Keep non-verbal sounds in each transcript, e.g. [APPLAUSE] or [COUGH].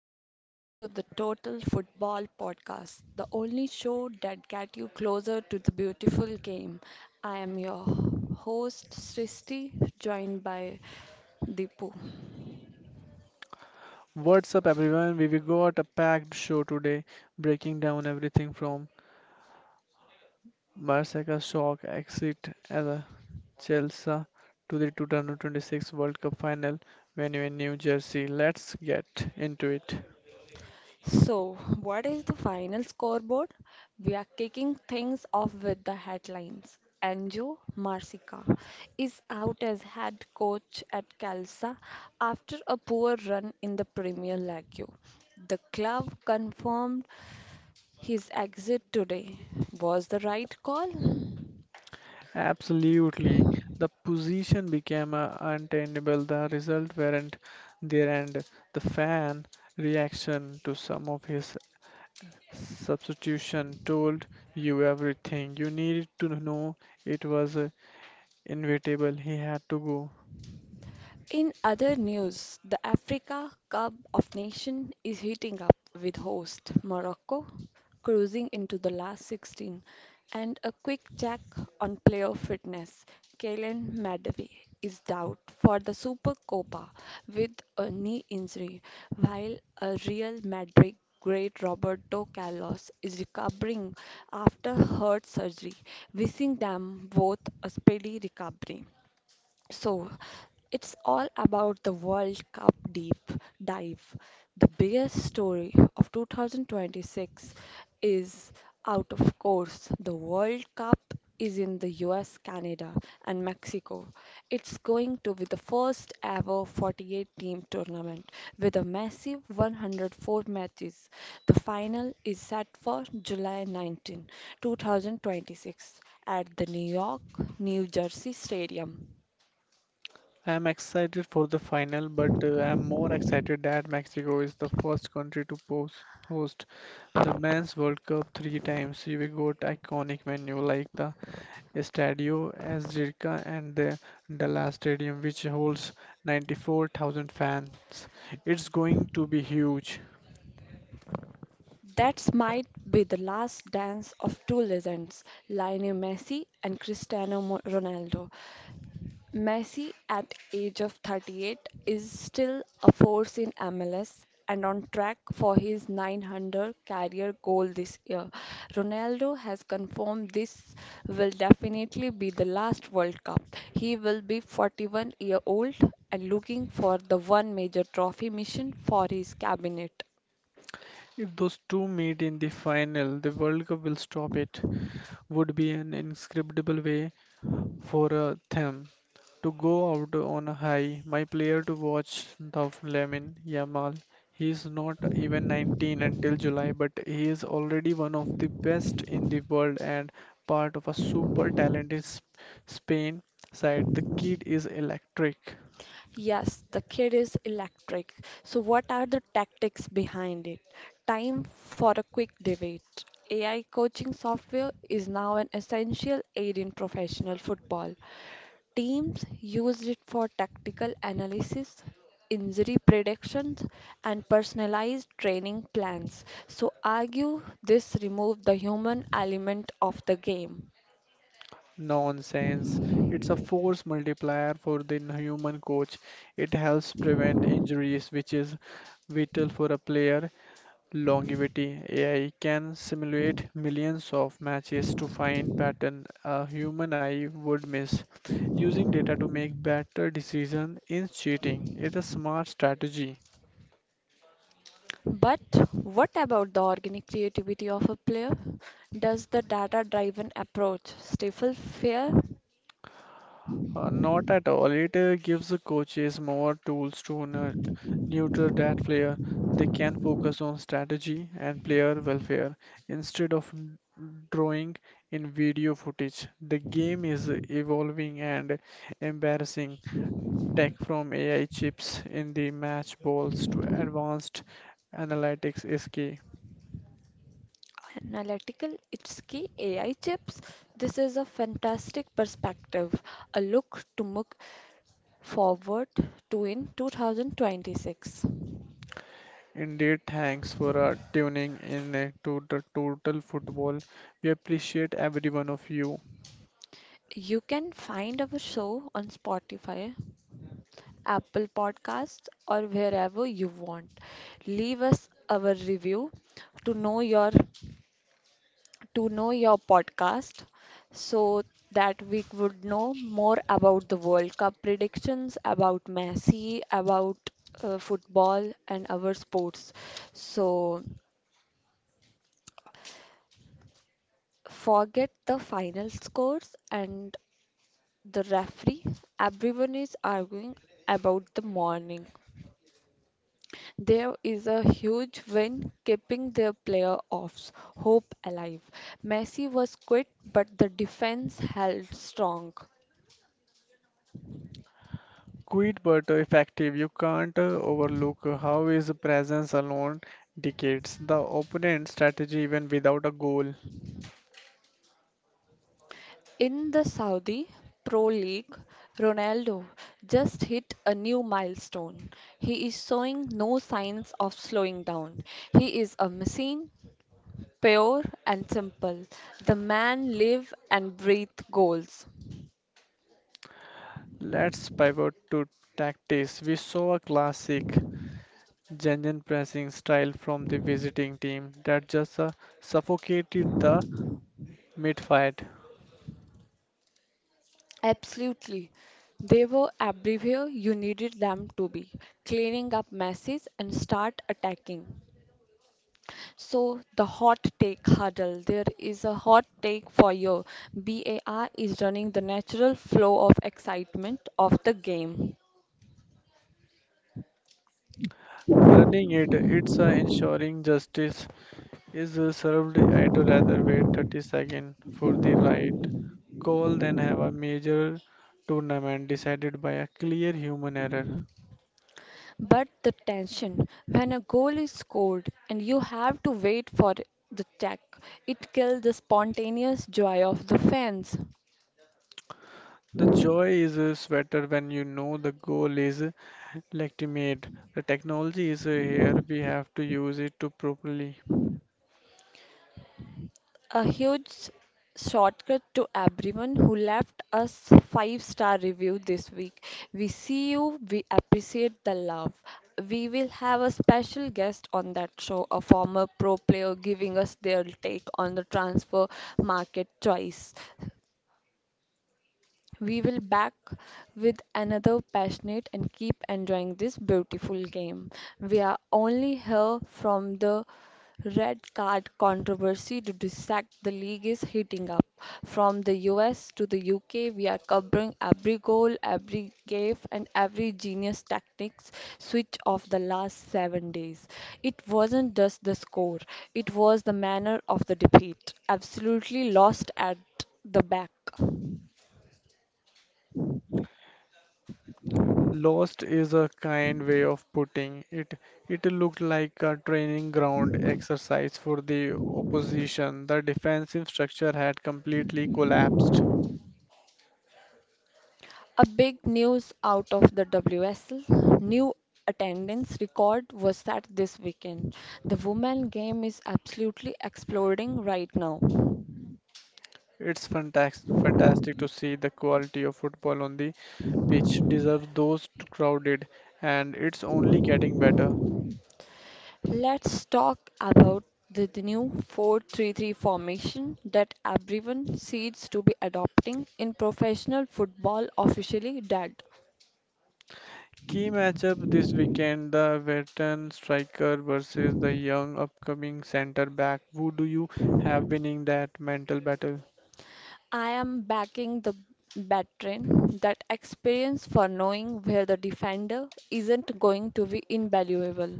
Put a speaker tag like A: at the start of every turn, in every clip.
A: listening to the Total Football Podcast, the only show that gets you closer to the beautiful game. I am your host Srishti, joined by Deepu.
B: What's up, everyone? We have got a packed show today, breaking down everything from Barca's shock exit as Chelsea to the 2026 World Cup final venue in New Jersey. Let's get into it.
A: So, what is the final scoreboard? We are kicking things off with the headlines. Anjo Marsica is out as head coach at Calsa after a poor run in the Premier League. The club confirmed his exit today was the right call.
B: Absolutely, the position became untenable. The result weren't there, and the fan reaction to some of his substitution told you everything you needed to know. It was inevitable, he had to go.
A: In other news, the Africa Cup of Nations is heating up with host Morocco cruising into the last 16. And a quick check on player fitness. Kylian Mbappe is out for the Super Copa with a knee injury, while a Real Madrid great Roberto Carlos is recovering after heart surgery, wishing them both a speedy recovery. So, it's all about the World Cup deep dive. The biggest story of 2026 is out, of course. The World Cup is in the US, Canada, and Mexico. It's going to be the first ever 48 team tournament with a massive 104 matches. The final is set for July 19, 2026 at the New York, New Jersey Stadium.
B: I am excited for the final, but I am more excited that Mexico is the first country to host the Men's World Cup three times. We got iconic venue like the Estadio Azteca and the Dallas Stadium, which holds 94,000 fans. It's going to be huge.
A: That might be the last dance of two legends, Lionel Messi and Ronaldo. Messi, at age of 38, is still a force in MLS and on track for his 900 career goal this year. Ronaldo has confirmed this will definitely be the last World Cup. He will be 41-year-old and looking for the one major trophy mission for his cabinet.
B: If those two meet in the final, the World Cup will stop it. Would be an inscribable way for a them to go out on a high. My player to watch the Lamine Yamal. He is not even 19 until July, but he is already one of the best in the world and part of a super talented Spain side. The kid is electric.
A: Yes, the kid is electric. So, what are the tactics behind it? Time for a quick debate. AI coaching software is now an essential aid in professional football. Teams use it for tactical analysis, injury predictions, and personalized training plans. So, argue this removes the human element of the game.
B: Nonsense. It's a force multiplier for the human coach. It helps prevent injuries, which is vital for a player. Longevity AI can simulate millions of matches to find pattern a human eye would miss. Using data to make better decision in cheating it's a smart strategy.
A: But what about the organic creativity of a player? Does the data driven approach stifle fear?
B: Not at all. It gives the coaches more tools to neuter that player. They can focus on strategy and player welfare instead of drawing in video footage. The game is evolving and embarrassing. Tech from AI chips in the match balls to advanced analytics is key.
A: Analytical, it's key AI chips. This is a fantastic perspective, a look forward to in 2026.
B: Indeed, thanks for tuning in to the Total Football. We appreciate every one of you.
A: You can find our show on Spotify, Apple Podcasts, or wherever you want. Leave us our review to know your to know your podcast so that we would know more about the World Cup predictions, about Messi, about football, and our sports. So, forget the final scores and the referee. Everyone is arguing about the morning. There is a huge win keeping their playoffs hope alive. Messi was quit, but the defense held strong.
B: Quit but effective. You can't overlook how his presence alone dictates the opponent's strategy even without a goal.
A: In the Saudi Pro League, Ronaldo just hit a new milestone. He is showing no signs of slowing down. He is a machine, pure and simple. The man live and breathe goals.
B: Let's pivot to tactics. We saw a classic genuine pressing style from the visiting team that just suffocated the mid-fight.
A: Absolutely. They were everywhere you needed them to be, cleaning up messes and start attacking. So, the hot take huddle. There is a hot take for you. BAR is running the natural flow of excitement of the game.
B: Running it, it's ensuring justice is served. I would rather wait 30 seconds for the right call than have a major tournament decided by a clear human error.
A: But the tension, when a goal is scored and you have to wait for the tech, it kills the spontaneous joy of the fans.
B: The joy is sweater when you know the goal is legitimate. The technology is here. We have to use it to properly.
A: a huge s- Shortcut to everyone who left us five-star review this week. We see you, we appreciate the love. We will have a special guest on that show, a former pro player giving us their take on the transfer market choice. We will back with another passionate and keep enjoying this beautiful game. We are only here from the red card controversy to dissect the league is heating up. From the US to the UK, we are covering every goal, every gaffe, and every genius tactics switch of the last 7 days. It wasn't just the score, it was the manner of the defeat. Absolutely lost at the back.
B: Lost is a kind way of putting it. It looked like a training ground exercise for the opposition. The defensive structure had completely collapsed.
A: A big news out of the WSL new attendance record was set this weekend. The women game is absolutely exploding right now.
B: It's fantastic, fantastic to see the quality of football on the pitch deserves those crowded, and it's only getting better.
A: Let's talk about the new 4-3-3 formation that everyone seems to be adopting in professional football officially dead.
B: Key matchup this weekend the veteran striker versus the young upcoming centre back. Who do you have winning that mental battle?
A: I am backing the Batrin, that experience for knowing where the defender isn't going to be invaluable.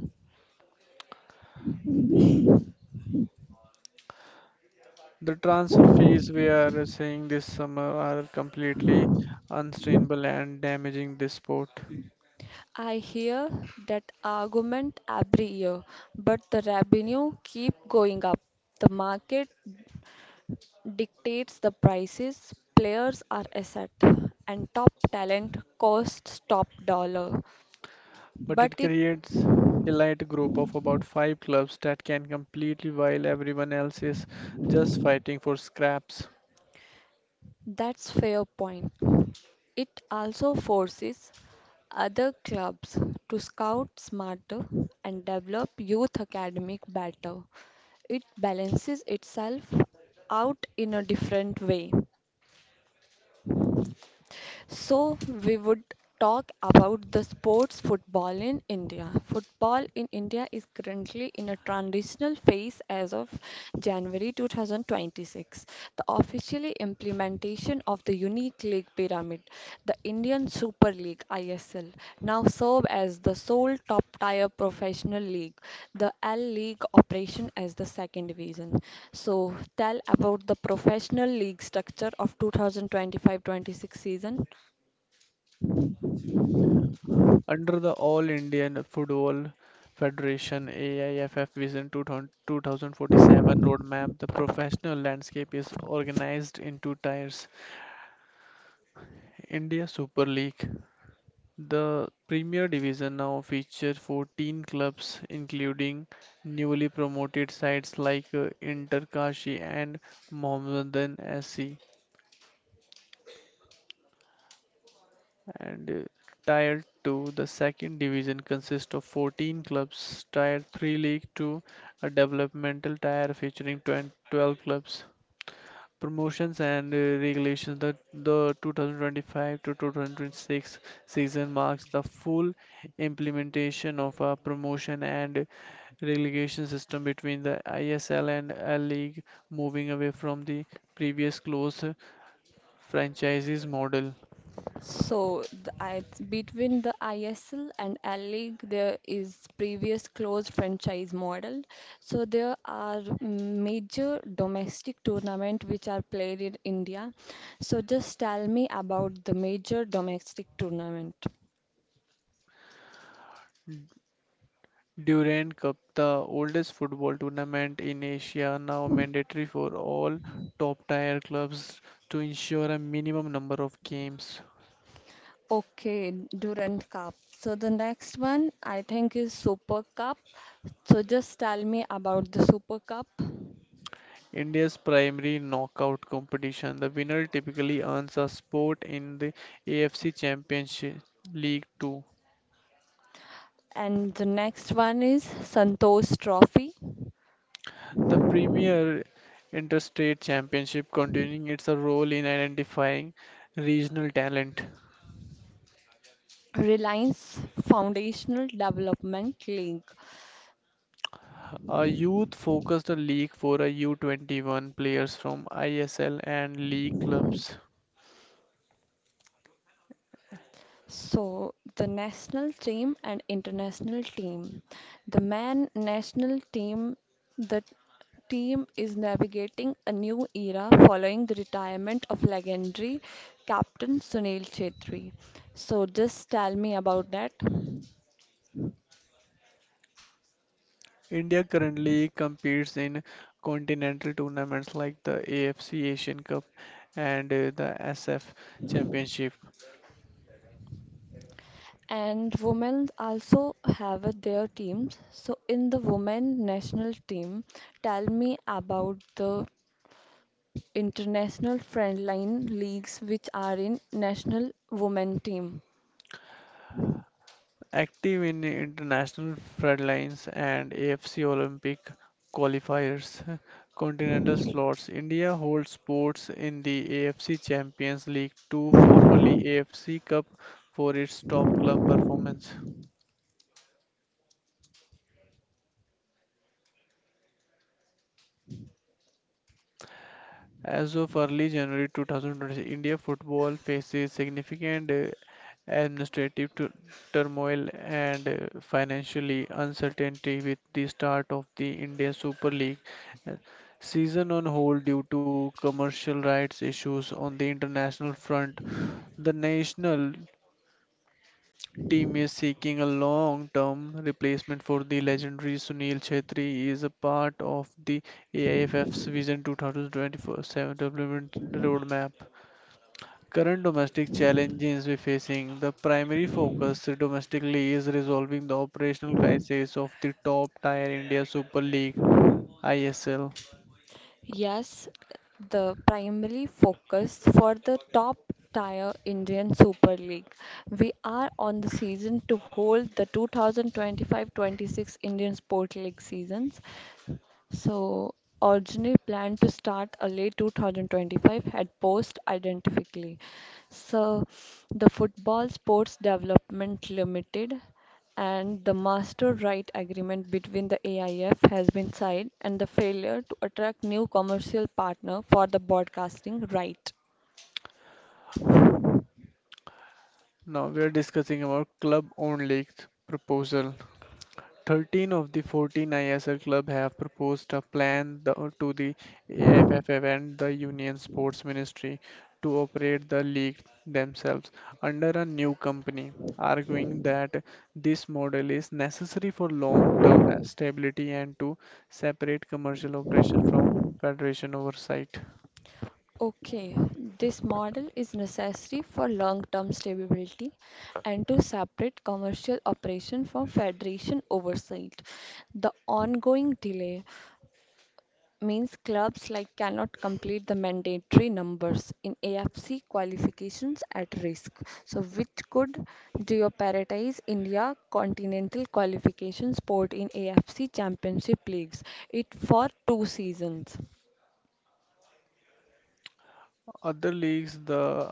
B: The transfer fees we are seeing this summer are completely unsustainable and damaging this sport.
A: I hear that argument every year, but the revenue keep going up. The market dictates the prices, players are asset, and top talent costs top dollar.
B: But
A: But
B: it
A: it
B: creates elite group of about five clubs that can completely while everyone else is just fighting for scraps.
A: that's fair point. It also forces other clubs to scout smarter and develop youth academic better. It balances itself out in a different way. So, we would talk about the sports football in India. Football in India is currently in a transitional phase as of January 2026. The officially implementation of the unique league pyramid, the Indian Super League ISL, now serve as the sole top tier professional league, the L League operation as the second division. So, tell about the professional league structure of 2025-26 season.
B: Under the All Indian Football Federation AIFF Vision 2047 roadmap, the professional landscape is organized in two tiers. India Super League: the Premier Division now features 14 clubs, including newly promoted sides like Inter Kashi and Mohammedan SC, and Tier 2, the second division, consists of 14 clubs. Tier 3 League 2, a developmental tier featuring 20 12 clubs. Promotions and regulations: the 2025 to 2026 season marks the full implementation of a promotion and relegation system between the ISL and L League, moving away from the previous close franchises model.
A: So, between the ISL and L League, there is previous closed franchise model. So, there are major domestic tournament which are played in India. So, just tell me about the major domestic tournament.
B: Durand Cup, the oldest football tournament in Asia, now mandatory for all top tier clubs to ensure a minimum number of games.
A: Okay, Durand Cup. So, the next one I think is Super Cup. So, just tell me about the Super Cup.
B: India's primary knockout competition, the winner typically earns a spot in the AFC Championship League 2.
A: And the next one is Santosh Trophy.
B: The Premier Interstate Championship continuing its role in identifying regional talent.
A: Reliance Foundational Development League.
B: A youth focused league for a U21 players from ISL and league clubs.
A: So, the national team and international team. The man national team, the team is navigating a new era following the retirement of legendary captain Sunil Chetri. So, just tell me about that.
B: India currently competes in continental tournaments like the AFC Asian Cup and the SF Championship.
A: And women also have their teams. So, in the women national team, tell me about the international friendline leagues which are in national women team.
B: Active in international floodlines and AFC Olympic qualifiers, [LAUGHS] continental slots. India holds sports in the AFC Champions League 2, formerly AFC Cup, for its top club performance. As of early January 2020, India football faces significant administrative turmoil and financially uncertainty, with the start of the India Super League uh, season on hold due to commercial rights issues on the international front. The national team is seeking a long-term replacement for the legendary Sunil Chhetri. He is a part of the AIFF's Vision 2024-7 development roadmap. Current domestic challenges we're facing. The primary focus domestically is resolving the operational crisis of the top-tier India Super League (ISL).
A: Yes, the primary focus for the top tier Indian Super League. We are on the season to hold the 2025-26 Indian Sport League seasons. So, originally planned to start early 2025 had paused identically. So, the Football Sports Development Limited and the master right agreement between the AIF has been signed, and the failure to attract new commercial partner for the broadcasting right.
B: Now we are discussing about club-owned leagues proposal. 13 of the 14 ISL clubs have proposed a plan to the AFFF and the Union Sports Ministry to operate the league themselves under a new company, arguing that this model is necessary for long-term stability and to separate commercial operation from federation oversight.
A: Okay, this model is necessary for long-term stability and to separate commercial operation from federation oversight. The ongoing delay means clubs like cannot complete the mandatory numbers in AFC qualifications at risk. So which could jeopardize India continental qualification sport in AFC championship leagues it for two seasons.
B: Other leagues, the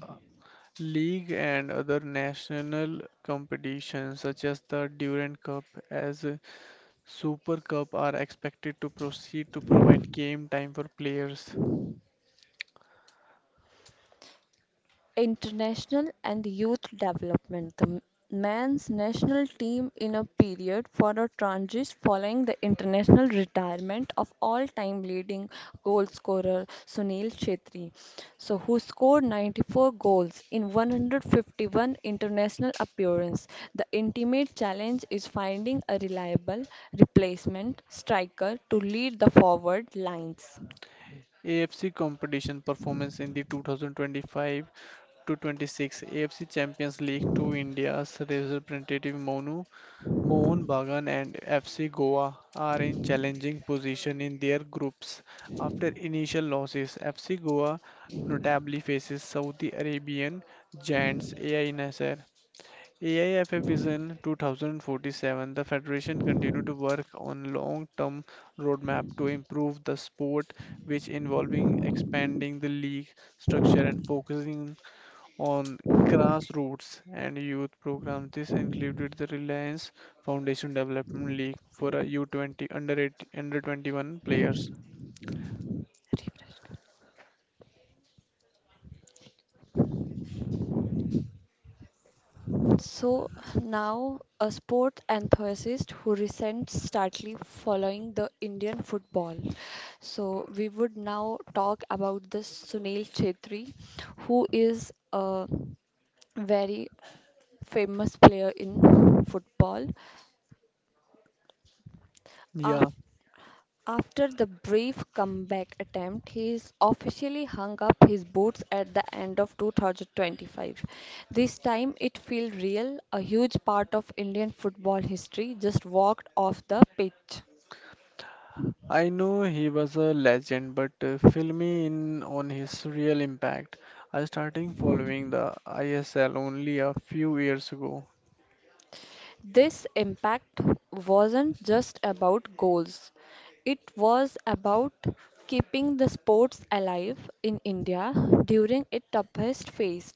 B: league and other national competitions such as the Durand Cup as Super Cup are expected to proceed to provide game time for players.
A: International and youth development. The men's national team in a period for a transition following the international retirement of all-time leading goal scorer Sunil Chhetri, so who scored 94 goals in 151 international appearances. The intimate challenge is finding a reliable replacement striker to lead the forward lines.
B: AFC competition performance in the 2025 to 26 AFC Champions League to India's representative Monu Mohan Bagan and FC Goa are in challenging position in their groups after initial losses. FC Goa notably faces Saudi Arabian giants AI Nasser. AIFF Vision 2047, the Federation continued to work on long-term roadmap to improve the sport, which involving expanding the league structure and focusing on grassroots and youth programs. This included the Reliance Foundation Development League for a U20 under 8, under 21 players.
A: Refresh. So now a sport enthusiast who resents starkly following the Indian football. So we would now talk about this Sunil Chhetri, who is a very famous player in football.
B: Yeah,
A: After the brief comeback attempt, he is officially hung up his boots at the end of 2025. This time it feels real. A huge part of Indian football history just walked off the pitch.
B: I know he was a legend, but fill me in on his real impact. I started following the ISL only a few years ago.
A: This impact wasn't just about goals, it was about keeping the sports alive in India during its toughest phase.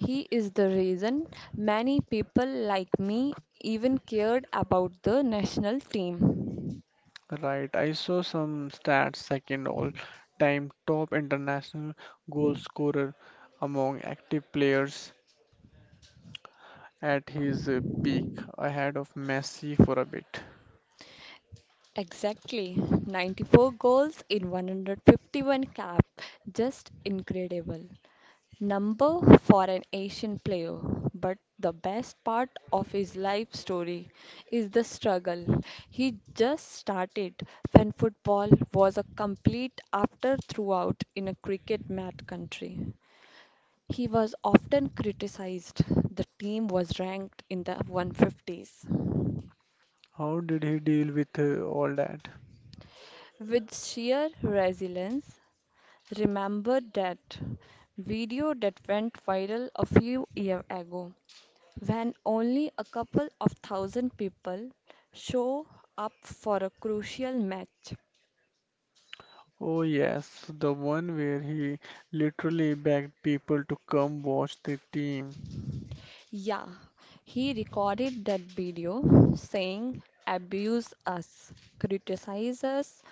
A: He is the reason many people like me even cared about the national team.
B: Right, I saw some stats second all time top international goal scorer among active players at his peak, ahead of Messi for a bit.
A: Exactly, 94 goals in 151 cap. Just incredible number for an Asian player, but the best part of his life story is the struggle. He just started when football was a complete after throughout in a cricket mad country. He was often criticized. The team was ranked in the 150s.
B: How did he deal with all that?
A: With sheer resilience, remember that video that went viral a few years ago when only a couple of thousand people show up for a crucial match.
B: Oh, yes, the one where he literally begged people to come watch the team.
A: Yeah, he recorded that video saying, "Abuse us, criticize us,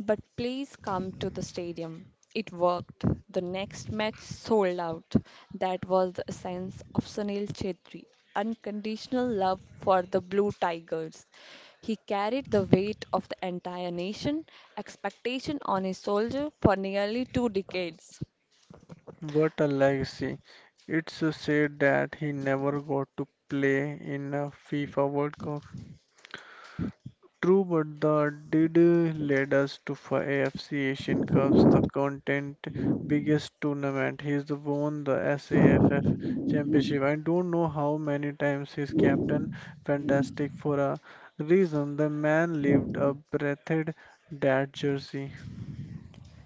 A: but please come to the stadium." It worked. The next match sold out. That was the essence of Sunil Chetri unconditional love for the Blue Tigers. He carried the weight of the entire nation, expectation on his soldier for nearly two decades.
B: What a legacy. It's a shame that he never got to play in a FIFA World Cup. True, but that did lead us to AFC Asian Cups, the content biggest tournament. He's won the SAFF championship. I don't know how many times he's captain. Fantastic for a reason. The man lived a breathed that jersey.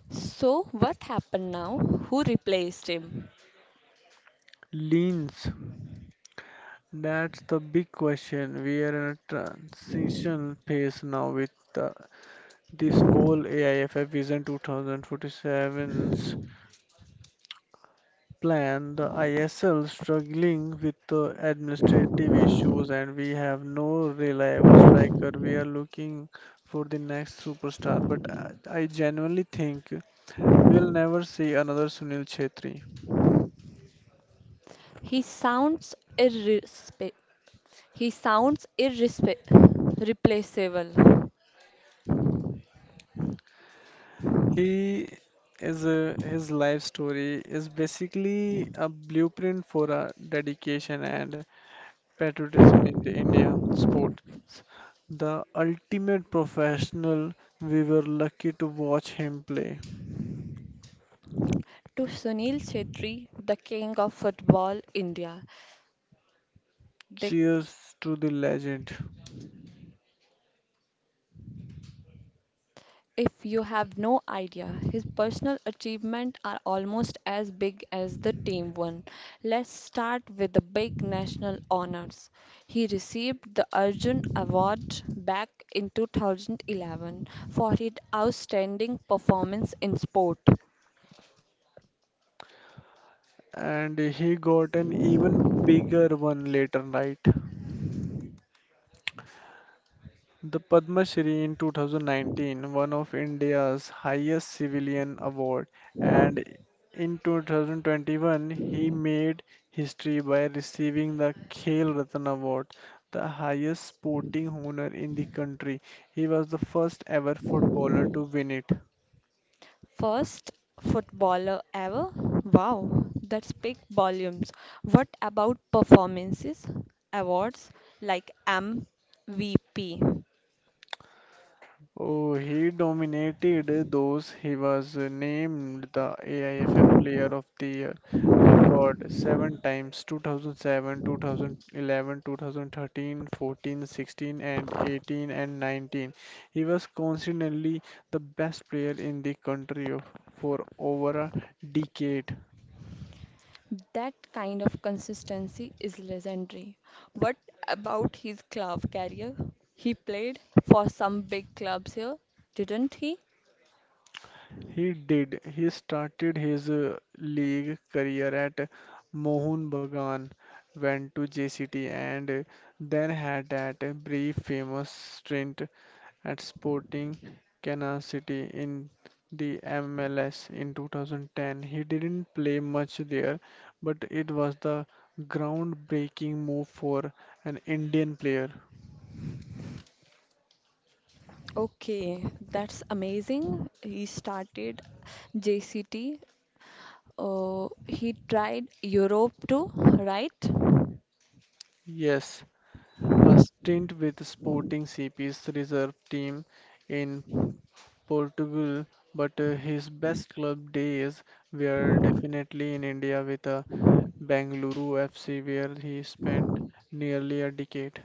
A: So, what happened now? Who replaced him?
B: Leans. That's the big question. We are in a transition phase now with uh, this whole AIFF Vision 2047's plan. The ISL struggling with the administrative issues, and we have no reliable striker. We are looking for the next superstar, but I genuinely think we'll never see another Sunil Chhetri.
A: He sounds irrespe he sounds replaceable.
B: He his life story is basically a blueprint for our dedication and patriotism in the India sport. The ultimate professional, we were lucky to watch him play.
A: To Sunil Chhetri, the king of football India, they,
B: Cheers to the legend.
A: if you have no idea, his personal achievements are almost as big as the team one. Let's start with the big national honors. He received the Arjun Award back in 2011 for his outstanding performance in sport.
B: And he got an even bigger one later, right? The Padma Shri in 2019, one of India's highest civilian award, and in 2021 he made history by receiving the Khel Ratna Award, the highest sporting honor in the country. He was the first ever footballer to win it.
A: First footballer ever? Wow, that speaks volumes. What about performances, awards like MVP?
B: Oh, he dominated those. He was named the AIFF Player of the Year record seven times: 2007, 2011, 2013, 14, 16, and 18 and 19. He was consistently the best player in the country of, for over a decade.
A: That kind of consistency is legendary. What about his club career? He played for some big clubs here, didn't he?
B: He did. He started his league career at Mohun Bagan, went to JCT, and then had that brief famous stint at Sporting Kansas City in the MLS in 2010. He didn't play much there, but it was the groundbreaking move for an Indian player.
A: Okay, that's amazing. He started JCT. He tried Europe too, right?
B: Yes, a stint with Sporting CP's reserve team in Portugal, but his best club days were definitely in India with Bengaluru FC, where he spent nearly a decade.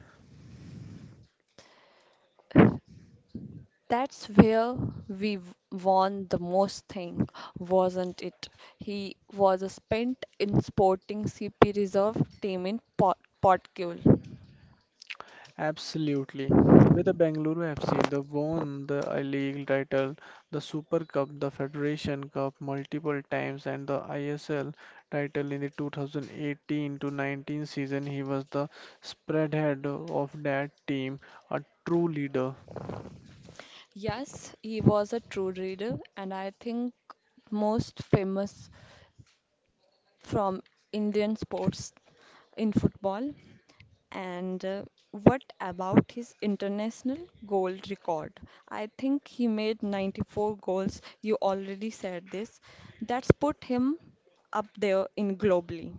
A: That's where won the most thing, wasn't it? He was a spent in sporting CP reserve team in Portugal.
B: Absolutely. With the Bengaluru FC, they won the I League title, the Super Cup, the Federation Cup multiple times, and the ISL title in the 2018 to 19 season. He was the spread head of that team, a true leader.
A: Yes, he was a true reader and I think most famous from Indian sports in football. And what about his international goal record? I think he made 94 goals. You already said this. That's put him up there in globally.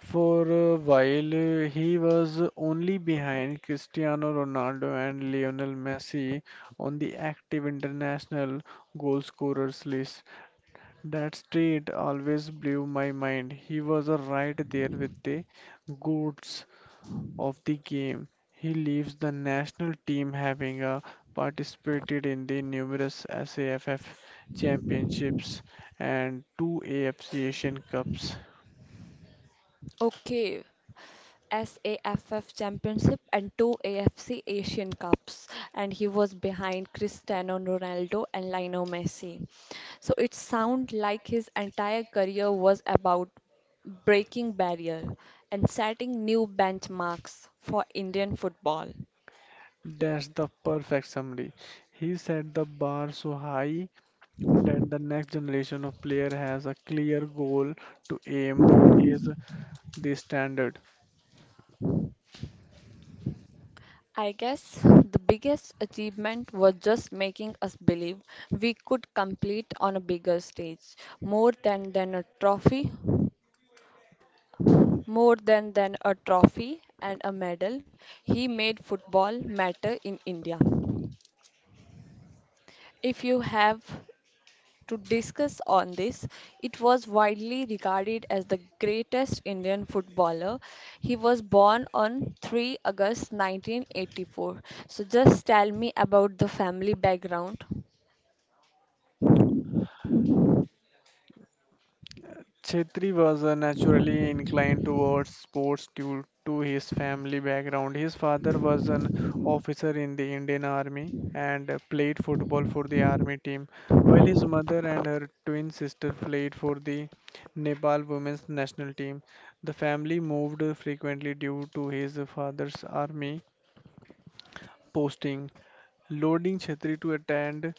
B: For a while, he was only behind Cristiano Ronaldo and Lionel Messi on the active international goal scorers list. That stat always blew my mind. He was right there with the goats of the game. He leaves the national team having participated in the numerous SAFF championships and two AFC Asian Cups.
A: Okay, SAFF Championship and two AFC Asian Cups, and he was behind Cristiano Ronaldo and Lionel Messi. So it sounds like his entire career was about breaking barrier and setting new benchmarks for Indian football.
B: That's the perfect summary. He set the bar so high that the next generation of player has a clear goal to aim for. He is the standard.
A: I guess the biggest achievement was just making us believe we could compete on a bigger stage, more than a trophy. More than a trophy and a medal, he made football matter in India. If you have to discuss on this, it was widely regarded as the greatest Indian footballer. He was born on 3 August 1984. So just tell me about the family background.
B: Chhetri was naturally inclined towards sports due to his family background. His father was an officer in the Indian Army and played football for the army team, while his mother and her twin sister played for the Nepal women's national team. The family moved frequently due to his father's army posting. Lording Chetri to attend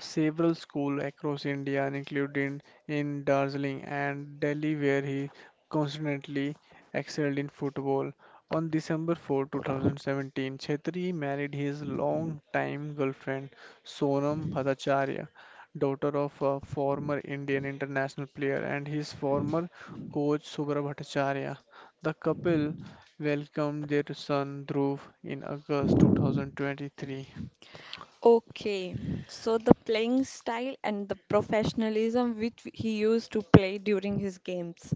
B: several schools across India, including in Darjeeling and Delhi, where he constantly excelled in football. On December 4, 2017, Chetri married his long-time girlfriend Sonam Bhattacharya, daughter of a former Indian international player and his former coach Subra Bhattacharya. The couple welcomed their son Dhruv in August 2023.
A: Okay, so the playing style and the professionalism which he used to play during his games.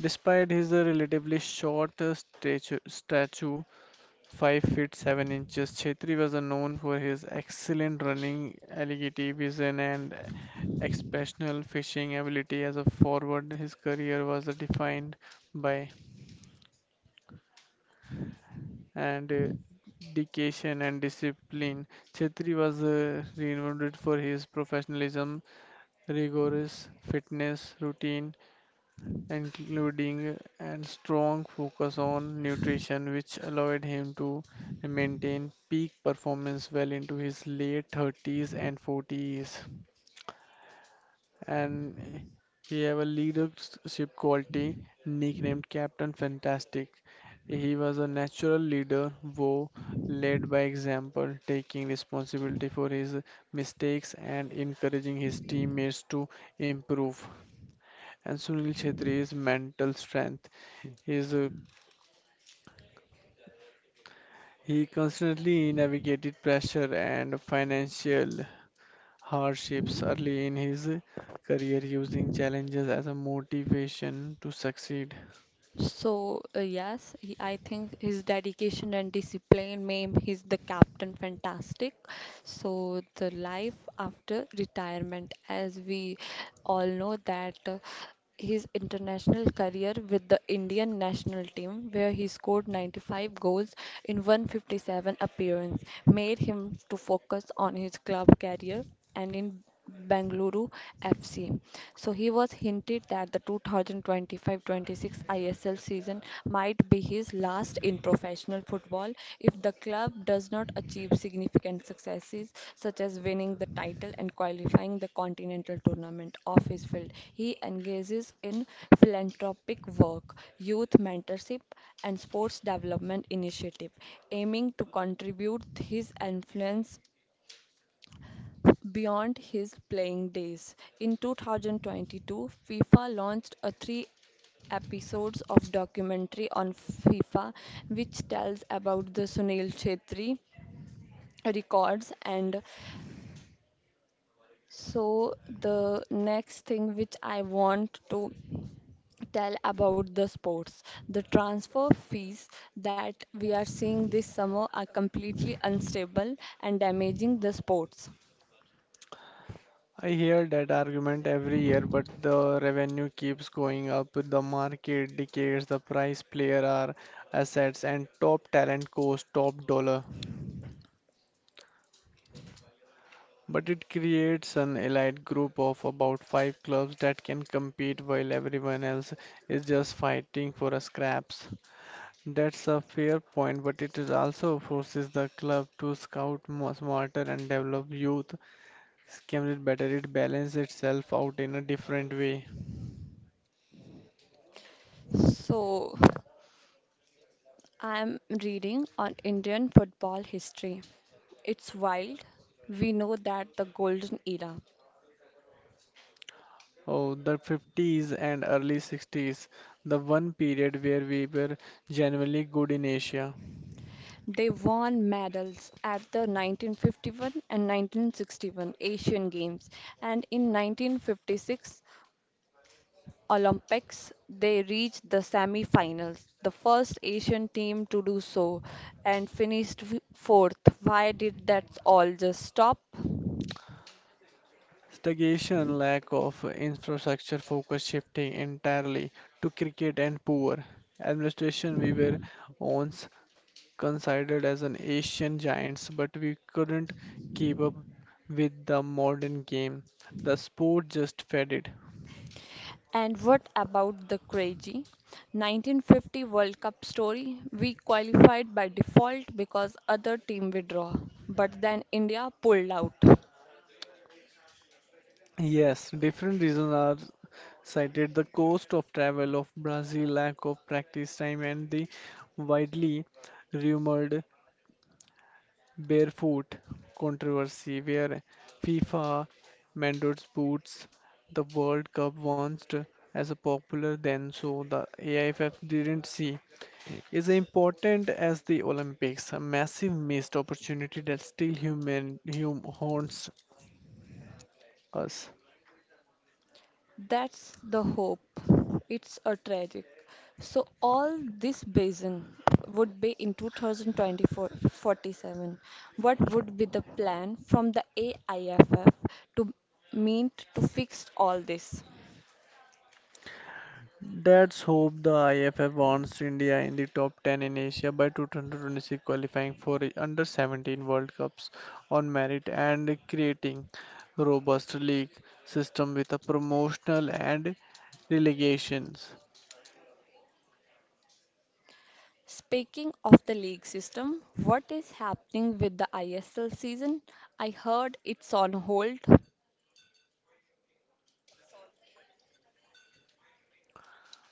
B: Despite his relatively short stature, 5 feet 7 inches, Chhetri was known for his excellent running, agility, vision, and exceptional fishing ability as a forward. His career was defined by and dedication and discipline. Chhetri was renowned for his professionalism, rigorous fitness routine, including a strong focus on nutrition, which allowed him to maintain peak performance well into his late 30s and 40s. And he have a leadership quality nicknamed Captain Fantastic. He was a natural leader who led by example, taking responsibility for his mistakes and encouraging his teammates to improve. And Sunil Chhetri's mental strength, his he constantly navigated pressure and financial hardships early in his career, using challenges as a motivation to succeed.
A: So, yes, he, I think his dedication and discipline made he's the captain fantastic. So, the life after retirement, as we all know that his international career with the Indian national team, where he scored 95 goals in 157 appearance, made him to focus on his club career and in Bengaluru FC. So he was hinted that the 2025-26 ISL season might be his last in professional football if the club does not achieve significant successes such as winning the title and qualifying the continental tournament of his field. He engages in philanthropic work, youth mentorship and sports development initiative aiming to contribute his influence beyond his playing days. In 2022, FIFA launched a three episodes of documentary on FIFA which tells about the Sunil Chhetri records. And so the next thing which I want to tell about the sports, the transfer fees that we are seeing this summer are completely unstable and damaging the sports.
B: I hear that argument every year, but the revenue keeps going up, the market decays, the price player are assets, and top talent costs top dollar. But it creates an elite group of about five clubs that can compete while everyone else is just fighting for a scraps. That's a fair point, but it is also forces the club to scout more smarter and develop youth. Scam it better it balances itself out in a different way.
A: So I am reading on Indian football history. It's wild. We know that the golden era.
B: Oh, the 50s and early 60s, the one period where we were genuinely good in Asia.
A: They won medals at the 1951 and 1961 Asian Games and in 1956 Olympics they reached the semi-finals, the first Asian team to do so and finished fourth. Why did that all just stop?
B: Stagnation, lack of infrastructure, focus shifting entirely to cricket and poor administration. We were on considered as an Asian giants, but we couldn't keep up with the modern game. The sport just faded.
A: And what about the crazy 1950 World Cup story? We qualified by default because other team withdraw, but then India pulled out.
B: Yes, different reasons are cited the cost of travel of Brazil, lack of practice time, and the widely rumored barefoot controversy, where FIFA mandates boots. The World Cup once as a popular then, so the AIFF didn't see is important as the Olympics, a massive missed opportunity that still haunts us.
A: That's the hope. It's a tragic. So all this basin would be in 2024 47. What would be the plan from the AIFF to mean to fix all this?
B: That's hope the IFF wants India in the top 10 in Asia by 2026 qualifying for the under 17 World Cups on merit and creating robust league system with a promotional and relegations.
A: Speaking of the league system, what is happening with the ISL season? I heard it's on hold.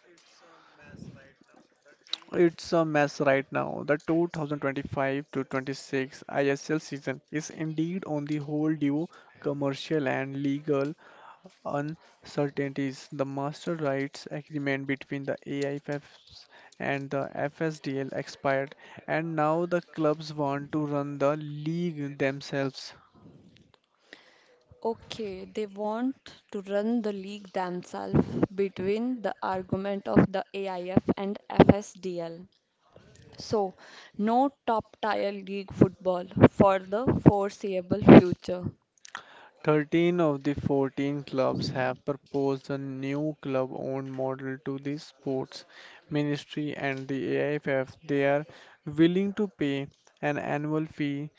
B: It's a mess right now. The 2025 to 26 ISL season is indeed on the whole due commercial and legal uncertainties. The master rights agreement between the AIFFs and the FSDL expired, and now the clubs want to run the league themselves.
A: Okay, they want to run the league themselves between the argument of the AIF and FSDL. So, no top tier league football for the foreseeable future.
B: 13 of the 14 clubs have proposed a new club owned model to the sports ministry and the AIFF. They are willing to pay an annual fee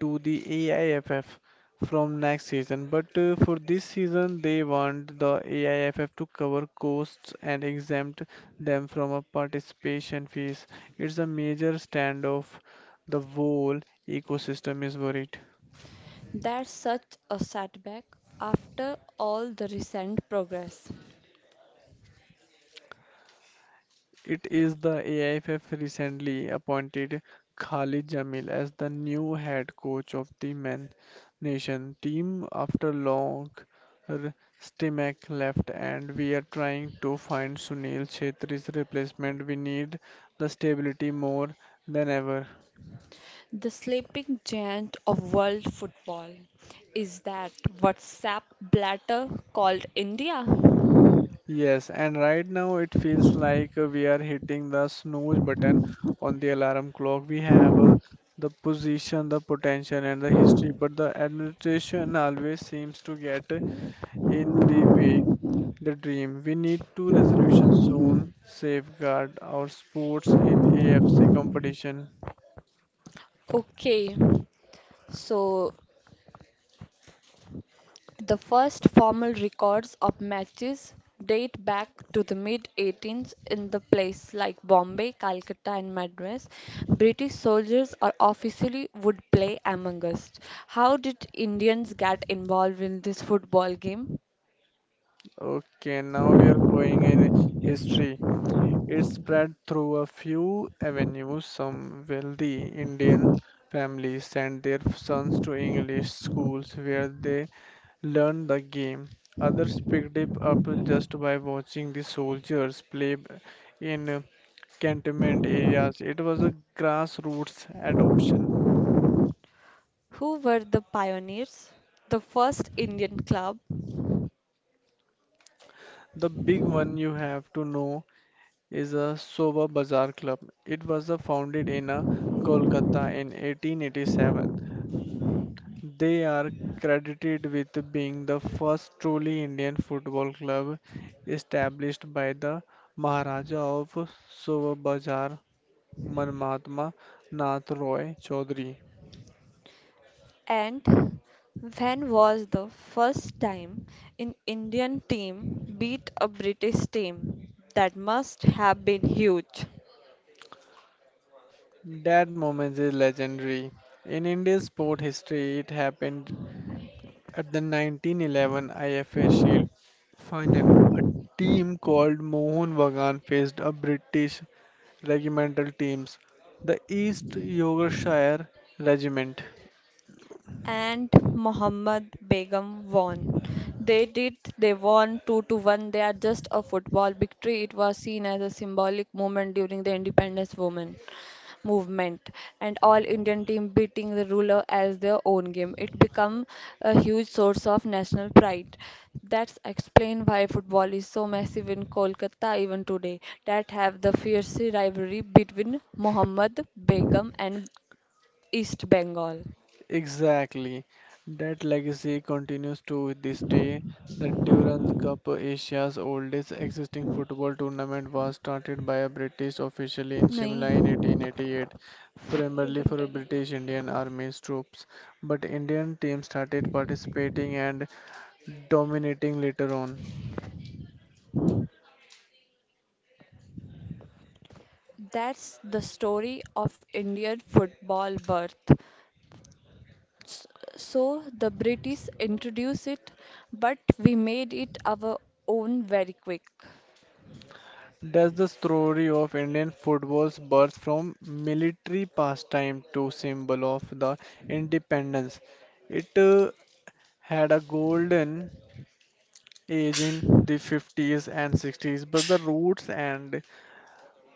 B: to the AIFF from next season, but for this season, they want the AIFF to cover costs and exempt them from a participation fees. It's a major standoff. The whole ecosystem is worried.
A: That's such a setback after all the recent progress.
B: It is the AIFF recently appointed Khalid Jamil as the new head coach of the men nation team after r- Stimac left and we are trying to find Sunil Chhetri's replacement. We need the stability more than ever.
A: The sleeping giant of world football. Is that WhatsApp blatter called India?
B: Yes, and right now it feels like we are hitting the snooze button on the alarm clock. We have the position, the potential, and the history, but the administration always seems to get in the way. The dream. We need to resolution soon, safeguard our sports in AFC competition.
A: Okay, so the first formal records of matches date back to the mid 18th in the place like Bombay, Calcutta, and Madras. British soldiers are officially would play among us. How did Indians get involved in this football game?
B: Okay, now we are going in history. It spread through a few avenues. Some wealthy Indian families sent their sons to English schools where they learned the game. Others picked it up just by watching the soldiers in cantonment areas. It was a grassroots adoption.
A: Who were the pioneers? The first Indian club.
B: The big one you have to know is a Soba Bazaar Club. It was founded in Kolkata in 1887. They are credited with being the first truly Indian football club established by the Maharaja of Surabhajar, Man Mahatma Nath Roy Chaudhary.
A: And when was the first time an Indian team beat a British team? That must have been huge.
B: That moment is legendary. In India's sport history, it happened at the 1911 IFA Shield final. Team called Mohun Bagan faced a British regimental teams, the East Yorkshire Regiment.
A: And Mohammed Begum won. They did, they won 2-1. They are just a football victory. It was seen as a symbolic moment during the independence movement and all Indian team beating the ruler as their own game. It become a huge source of national pride. That's explain why football is so massive in Kolkata even today. That have the fierce rivalry between Mohammed Begum and East Bengal.
B: Exactly. That legacy continues to this day. The Durand Cup, Asia's oldest existing football tournament, was started by a British official in Shimla in
A: नहीं.
B: 1888, primarily for British Indian Army troops. But Indian teams started participating and dominating later on.
A: That's the story of Indian football birth. S- So the British introduced it, but we made it our own very quick.
B: That's the story of Indian football's birth from military pastime to symbol of the independence. It had a golden age in the 50s and 60s, but the roots and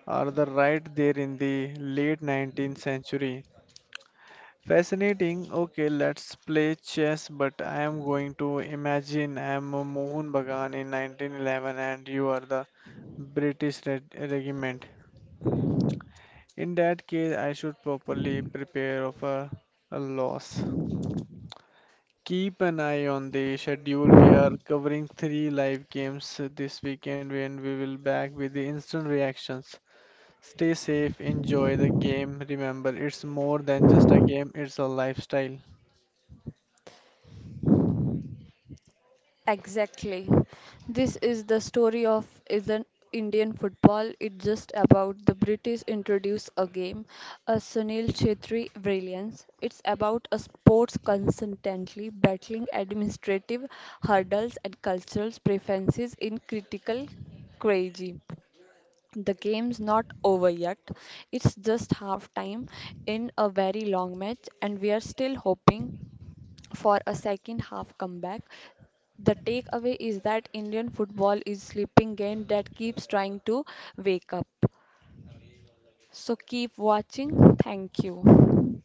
B: are the right there in the late 19th century. Fascinating. Okay, let's play chess, but I am going to imagine I am a Mohun Bagan in 1911 and you are the British regiment. In that case, I should properly prepare for a loss. Keep an eye on the schedule. We are covering three live games this weekend and we will back with the instant reactions. Stay safe, enjoy the game. Remember, it's more than just a game, it's a lifestyle.
A: Exactly. This is the story of isn't Indian football. It's just about the British introduce a game, a Sunil Chhetri brilliance. It's about a sports consistently battling administrative hurdles and cultural preferences in critical crazy. The game's not over yet. It's just half time in a very long match, and we are still hoping for a second half comeback. The takeaway is that Indian football is sleeping game that keeps trying to wake up. So keep watching. Thank you.